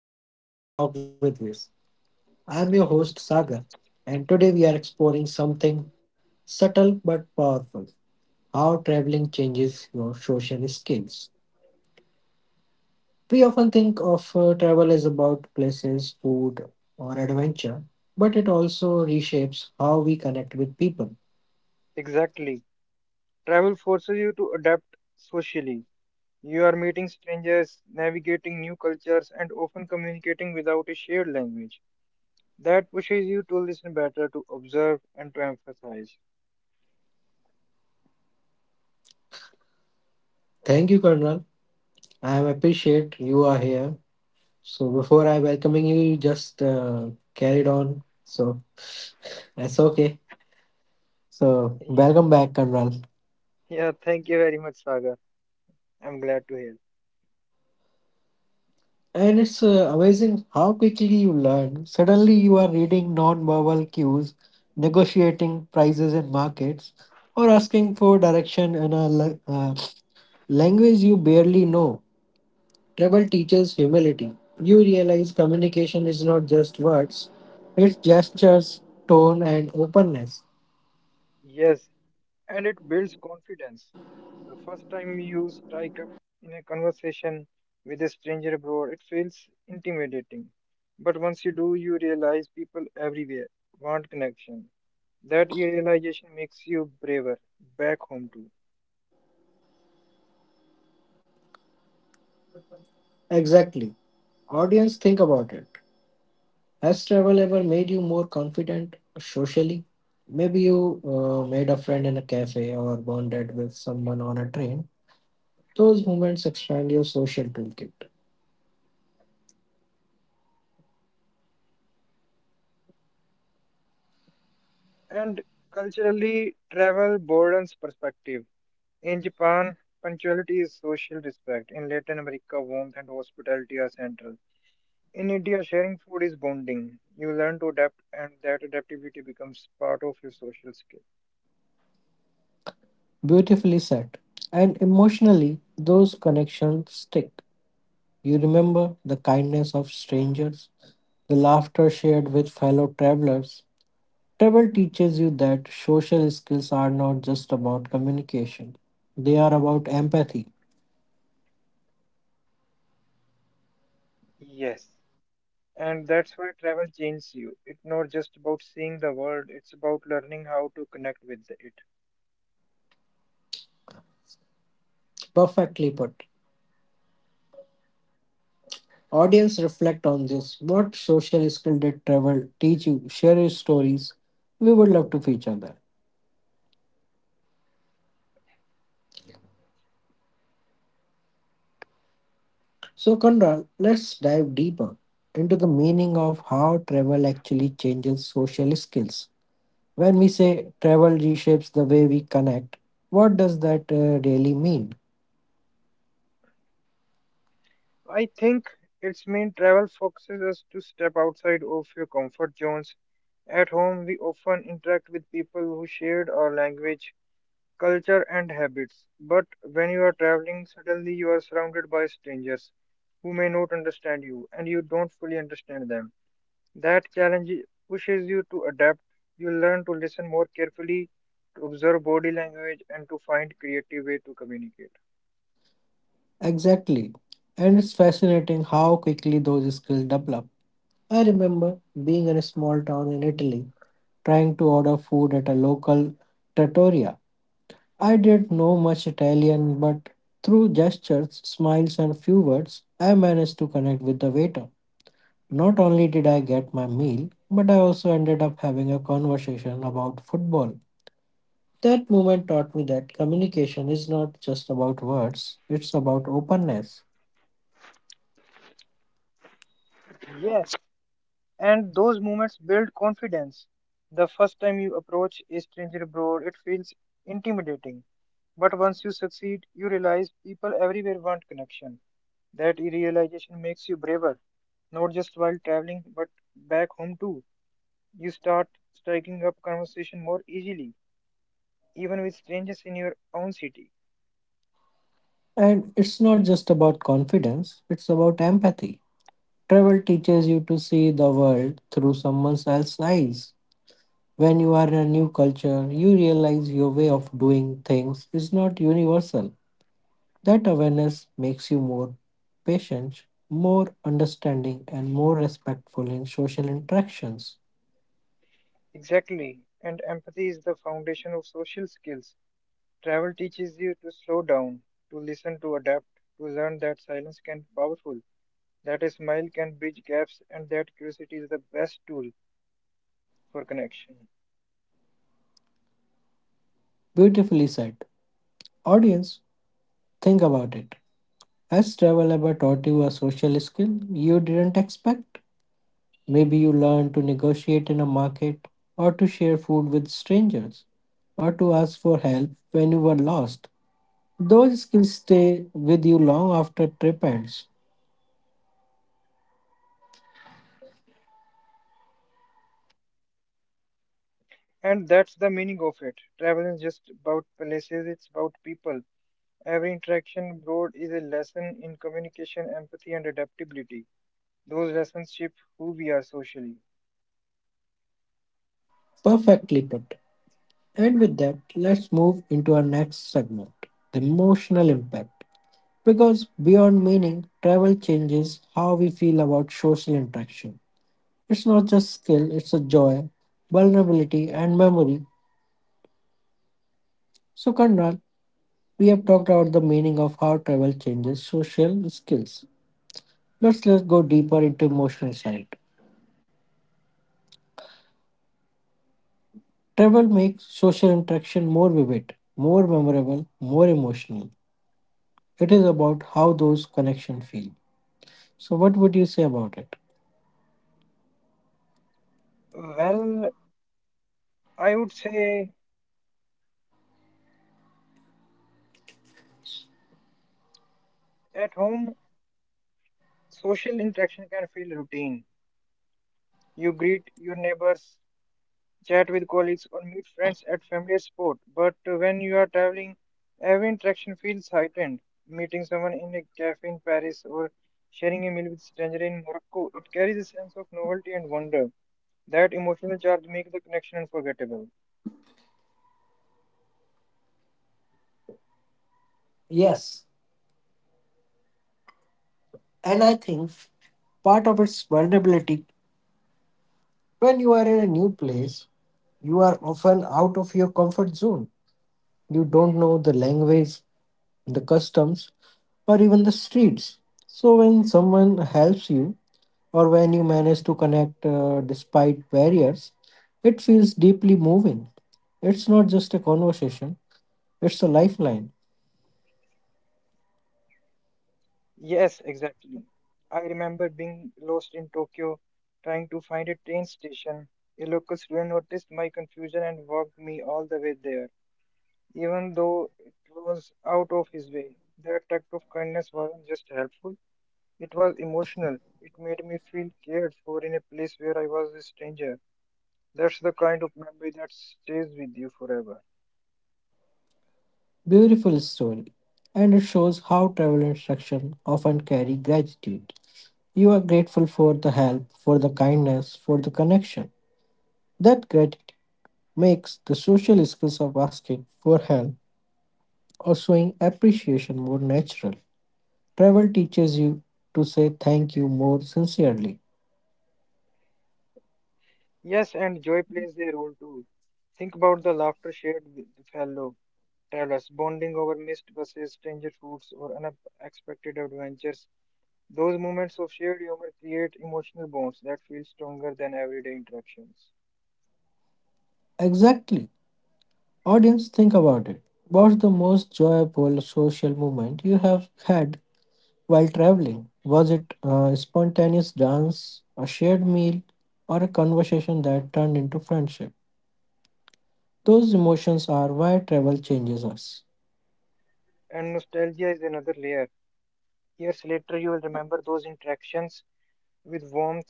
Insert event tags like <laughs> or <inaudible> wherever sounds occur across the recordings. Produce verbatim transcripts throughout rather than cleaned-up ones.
Welcome back to Talk with Viz. I'm your host Sagar, and today we are exploring something subtle but powerful: how traveling changes your social skills. We often think of uh, travel as about places, food, or adventure, but it also reshapes how we connect with people. Exactly. Travel forces you to adapt socially. You are meeting strangers, navigating new cultures, and often communicating without a shared language. That pushes you to listen better, to observe, and to emphasize. Thank you, Colonel. I appreciate you are here. So before I welcoming you, you just uh, carried on. So that's okay. So <laughs> Yeah, welcome back, Colonel. yeah, thank you very much, Sagar. I'm glad to hear. And it's uh, amazing how quickly you learn. Suddenly, you are reading non-verbal cues, negotiating prices in markets, or asking for direction in a la- uh, language you barely know. Travel teaches humility. You realize communication is not just words, it's gestures, tone, and openness. Yes, and it builds confidence. The first time you strike up in a conversation with a stranger abroad, it feels intimidating. But once you do, you realize people everywhere want connection. That realization makes you braver back home too. Exactly. Audience, think about it. Has travel ever made you more confident socially? Maybe you uh, made a friend in a cafe or bonded with someone on a train. Those moments expand your social toolkit. And culturally, travel broadens perspective. In Japan, punctuality is social respect. In Latin America, warmth and hospitality are central. In India, sharing food is bonding. You learn to adapt, and that adaptability becomes part of your social skill. Beautifully said. And emotionally, those connections stick. You remember the kindness of strangers, the laughter shared with fellow travelers. Travel teaches you that social skills are not just about communication, they are about empathy. Yes. And that's why travel changes you. It's not just about seeing the world, it's about learning how to connect with it. Perfectly put. Audience, reflect on this. What social skill did travel teach you? Share your stories. We would love to feature that. So, Conrad, let's dive deeper into the meaning of how travel actually changes social skills. When we say travel reshapes the way we connect, what does that uh, really mean? I think its main travel focuses us to step outside of your comfort zones. At home, we often interact with people who shared our language, culture, and habits. But when you are traveling, suddenly you are surrounded by strangers who may not understand you and you don't fully understand them. That challenge pushes you to adapt. You learn to listen more carefully, to observe body language, and to find creative way to communicate. Exactly. And it's fascinating how quickly those skills develop. I remember being in a small town in Italy, trying to order food at a local trattoria. I didn't know much Italian, but through gestures, smiles, and few words, I managed to connect with the waiter. Not only did I get my meal, but I also ended up having a conversation about football. That moment taught me that communication is not just about words, it's about openness. Yes, and those moments build confidence. The first time you approach a stranger abroad, it feels intimidating. But once you succeed, you realize people everywhere want connection. That realization makes you braver, not just while traveling, but back home too. You start striking up conversation more easily, even with strangers in your own city. And it's not just about confidence, it's about empathy. Travel teaches you to see the world through someone else's eyes. When you are in a new culture, you realize your way of doing things is not universal. That awareness makes you more patient, more understanding, and more respectful in social interactions. Exactly. And empathy is the foundation of social skills. Travel teaches you to slow down, to listen, to adapt, to learn that silence can be powerful, that a smile can bridge gaps, and that curiosity is the best tool for connection. Beautifully said. Audience, think about it. Has travel ever taught you a social skill you didn't expect? Maybe you learned to negotiate in a market, or to share food with strangers, or to ask for help when you were lost. Those skills stay with you long after trip ends. And that's the meaning of it. Travel is just about places, it's about people. Every interaction abroad is a lesson in communication, empathy, and adaptability. Those lessons shape who we are socially. Perfectly put. And with that, let's move into our next segment: the emotional impact. Because beyond meaning, travel changes how we feel about social interaction. It's not just skill, it's a joy, vulnerability, and memory. So, Karnal, we have talked about the meaning of how travel changes social skills. Let's, let's go deeper into emotional side. Travel makes social interaction more vivid, more memorable, more emotional. It is about how those connections feel. So, what would you say about it? Well, I would say at home, social interaction can feel routine. You greet your neighbors, chat with colleagues, or meet friends at family or sport. But uh, when you are traveling, every interaction feels heightened. Meeting someone in a cafe in Paris or sharing a meal with a stranger in Morocco, it carries a sense of novelty and wonder. That emotional charge makes the connection unforgettable. Yes, and I think part of its vulnerability: when you are in a new place, you are often out of your comfort zone. You don't know the language, the customs, or even the streets. So, when someone helps you, or when you manage to connect uh, despite barriers, it feels deeply moving. It's not just a conversation, it's a lifeline. Yes, exactly. I remember being lost in Tokyo, trying to find a train station. A local student noticed my confusion and walked me all the way there, even though it was out of his way. That act of kindness wasn't just helpful, it was emotional. It made me feel cared for in a place where I was a stranger. That's the kind of memory that stays with you forever. Beautiful story. And it shows how travel instruction often carry gratitude. You are grateful for the help, for the kindness, for the connection. That gratitude makes the social skills of asking for help or showing appreciation more natural. Travel teaches you to say thank you more sincerely. Yes, and joy plays a role too. Think about the laughter shared with the fellow travelers, bonding over missed buses, stranger foods, or unexpected adventures. Those moments of shared humor create emotional bonds that feel stronger than everyday interactions. Exactly. Audience, think about it. What's the most joyful social moment you have had while traveling? Was it a spontaneous dance, a shared meal, or a conversation that turned into friendship? Those emotions are why travel changes us. And nostalgia is another layer. Years later, you will remember those interactions with warmth,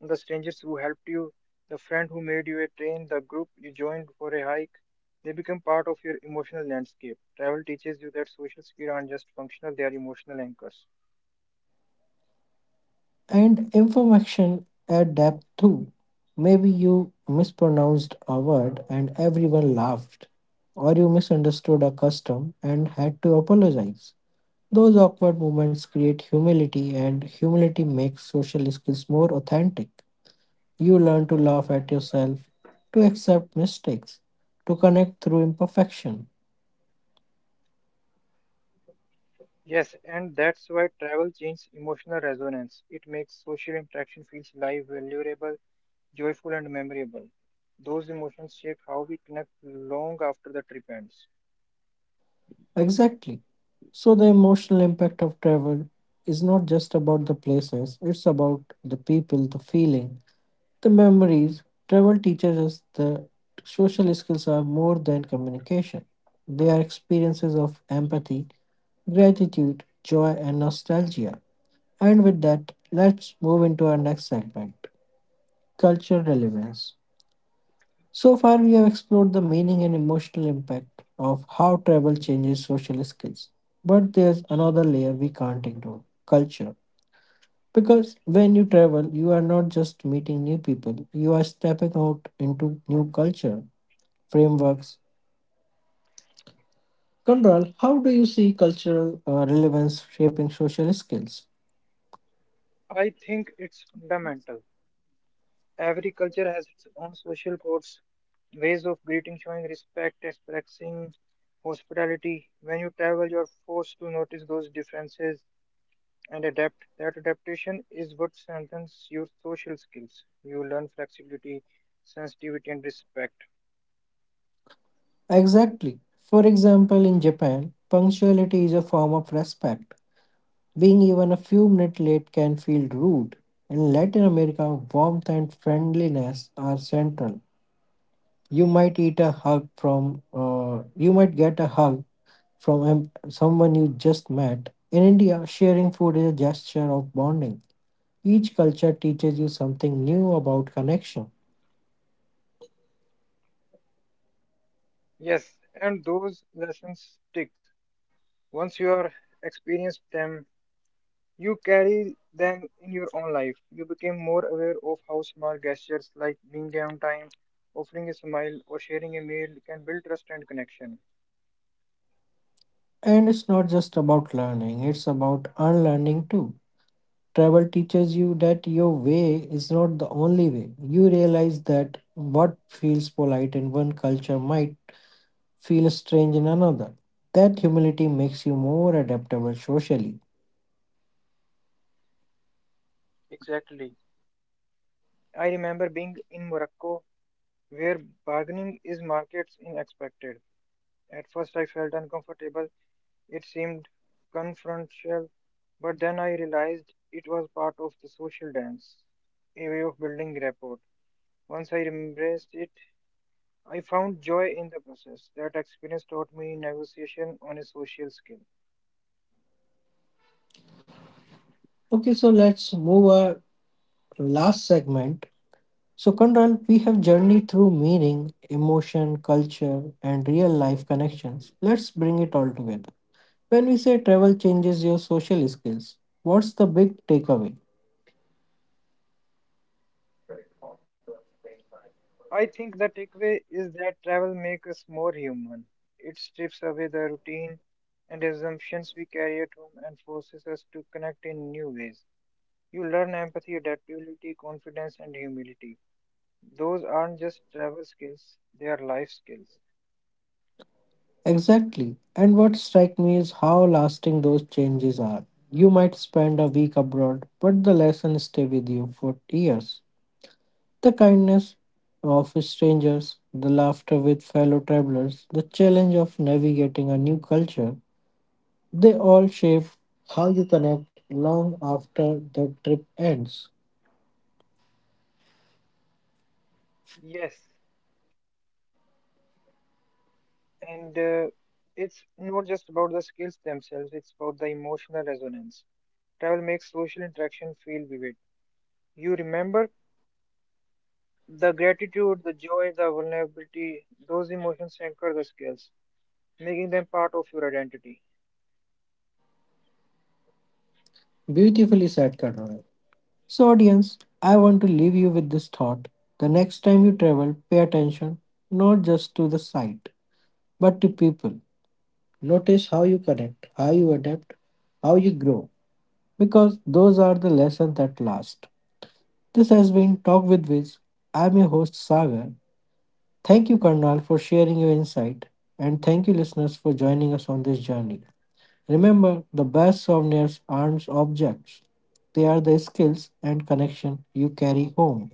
the strangers who helped you, the friend who made you a train, the group you joined for a hike. They become part of your emotional landscape. Travel teaches you that social skills aren't just functional, they are emotional anchors. And information at depth too. Maybe you mispronounced a word and everyone laughed, or you misunderstood a custom and had to apologize. Those awkward moments create humility, and humility makes social skills more authentic. You learn to laugh at yourself, to accept mistakes, to connect through imperfection. Yes, and that's why travel changes emotional resonance. It makes social interaction feels live, valuable, joyful, and memorable. Those emotions shape how we connect long after the trip ends. Exactly. So the emotional impact of travel is not just about the places, it's about the people, the feeling, the memories. Travel teaches us that social skills are more than communication. They are experiences of empathy, gratitude, joy, and nostalgia. And with that, let's move into our next segment: culture relevance. So far, we have explored the meaning and emotional impact of how travel changes social skills. But there's another layer we can't ignore: culture. Because when you travel, you are not just meeting new people, you are stepping out into new culture frameworks. Control, how do you see cultural uh, relevance shaping social skills? I think it's fundamental. Every culture has its own social codes, ways of greeting, showing respect, expressing hospitality. When you travel, you're forced to notice those differences and adapt. That adaptation is what strengthens your social skills. You learn flexibility, sensitivity, and respect. Exactly. For example, in Japan, punctuality is a form of respect. Being even a few minutes late can feel rude. In Latin America, warmth and friendliness are central. You might eat a hug from, uh, you might get a hug from em- someone you just met. In India, sharing food is a gesture of bonding. Each culture teaches you something new about connection. Yes, and those lessons sticks. Once you are experienced them, you carry them in your own life. You became more aware of how small gestures like being there on time, offering a smile, or sharing a meal can build trust and connection. And it's not just about learning, it's about unlearning too. Travel teaches you that your way is not the only way. You realize that what feels polite in one culture might feel strange in another. That humility makes you more adaptable socially. Exactly. I remember being in Morocco where bargaining is markets unexpected. At first I felt uncomfortable. It seemed confrontational, but then I realized it was part of the social dance, a way of building rapport. Once I embraced it, I found joy in the process. That experience taught me negotiation on a social scale. Okay, so let's move our last segment. So, Conrad, we have journeyed through meaning, emotion, culture, and real life connections. Let's bring it all together. When we say travel changes your social skills, what's the big takeaway? I think the takeaway is that travel makes us more human. It strips away the routine and assumptions we carry at home and forces us to connect in new ways. You learn empathy, adaptability, confidence, and humility. Those aren't just travel skills, they are life skills. Exactly. And what strikes me is how lasting those changes are. You might spend a week abroad, but the lessons stay with you for years. The kindness of strangers, the laughter with fellow travelers, the challenge of navigating a new culture, they all shape how you connect long after the trip ends. Yes, and uh, it's not just about the skills themselves, it's about the emotional resonance. Travel makes social interaction feel vivid. You remember the gratitude, the joy, the vulnerability, those emotions anchor the skills, making them part of your identity. Beautifully said, Karan. So, audience, I want to leave you with this thought. The next time you travel, pay attention not just to the sight but to people. Notice how you connect, how you adapt, how you grow, because those are the lessons that last. This has been Talk with Viz. I'm your host, Sagar. Thank you, Karnal, for sharing your insight, and thank you, listeners, for joining us on this journey. Remember, the best souvenirs aren't objects, they are the skills and connection you carry home.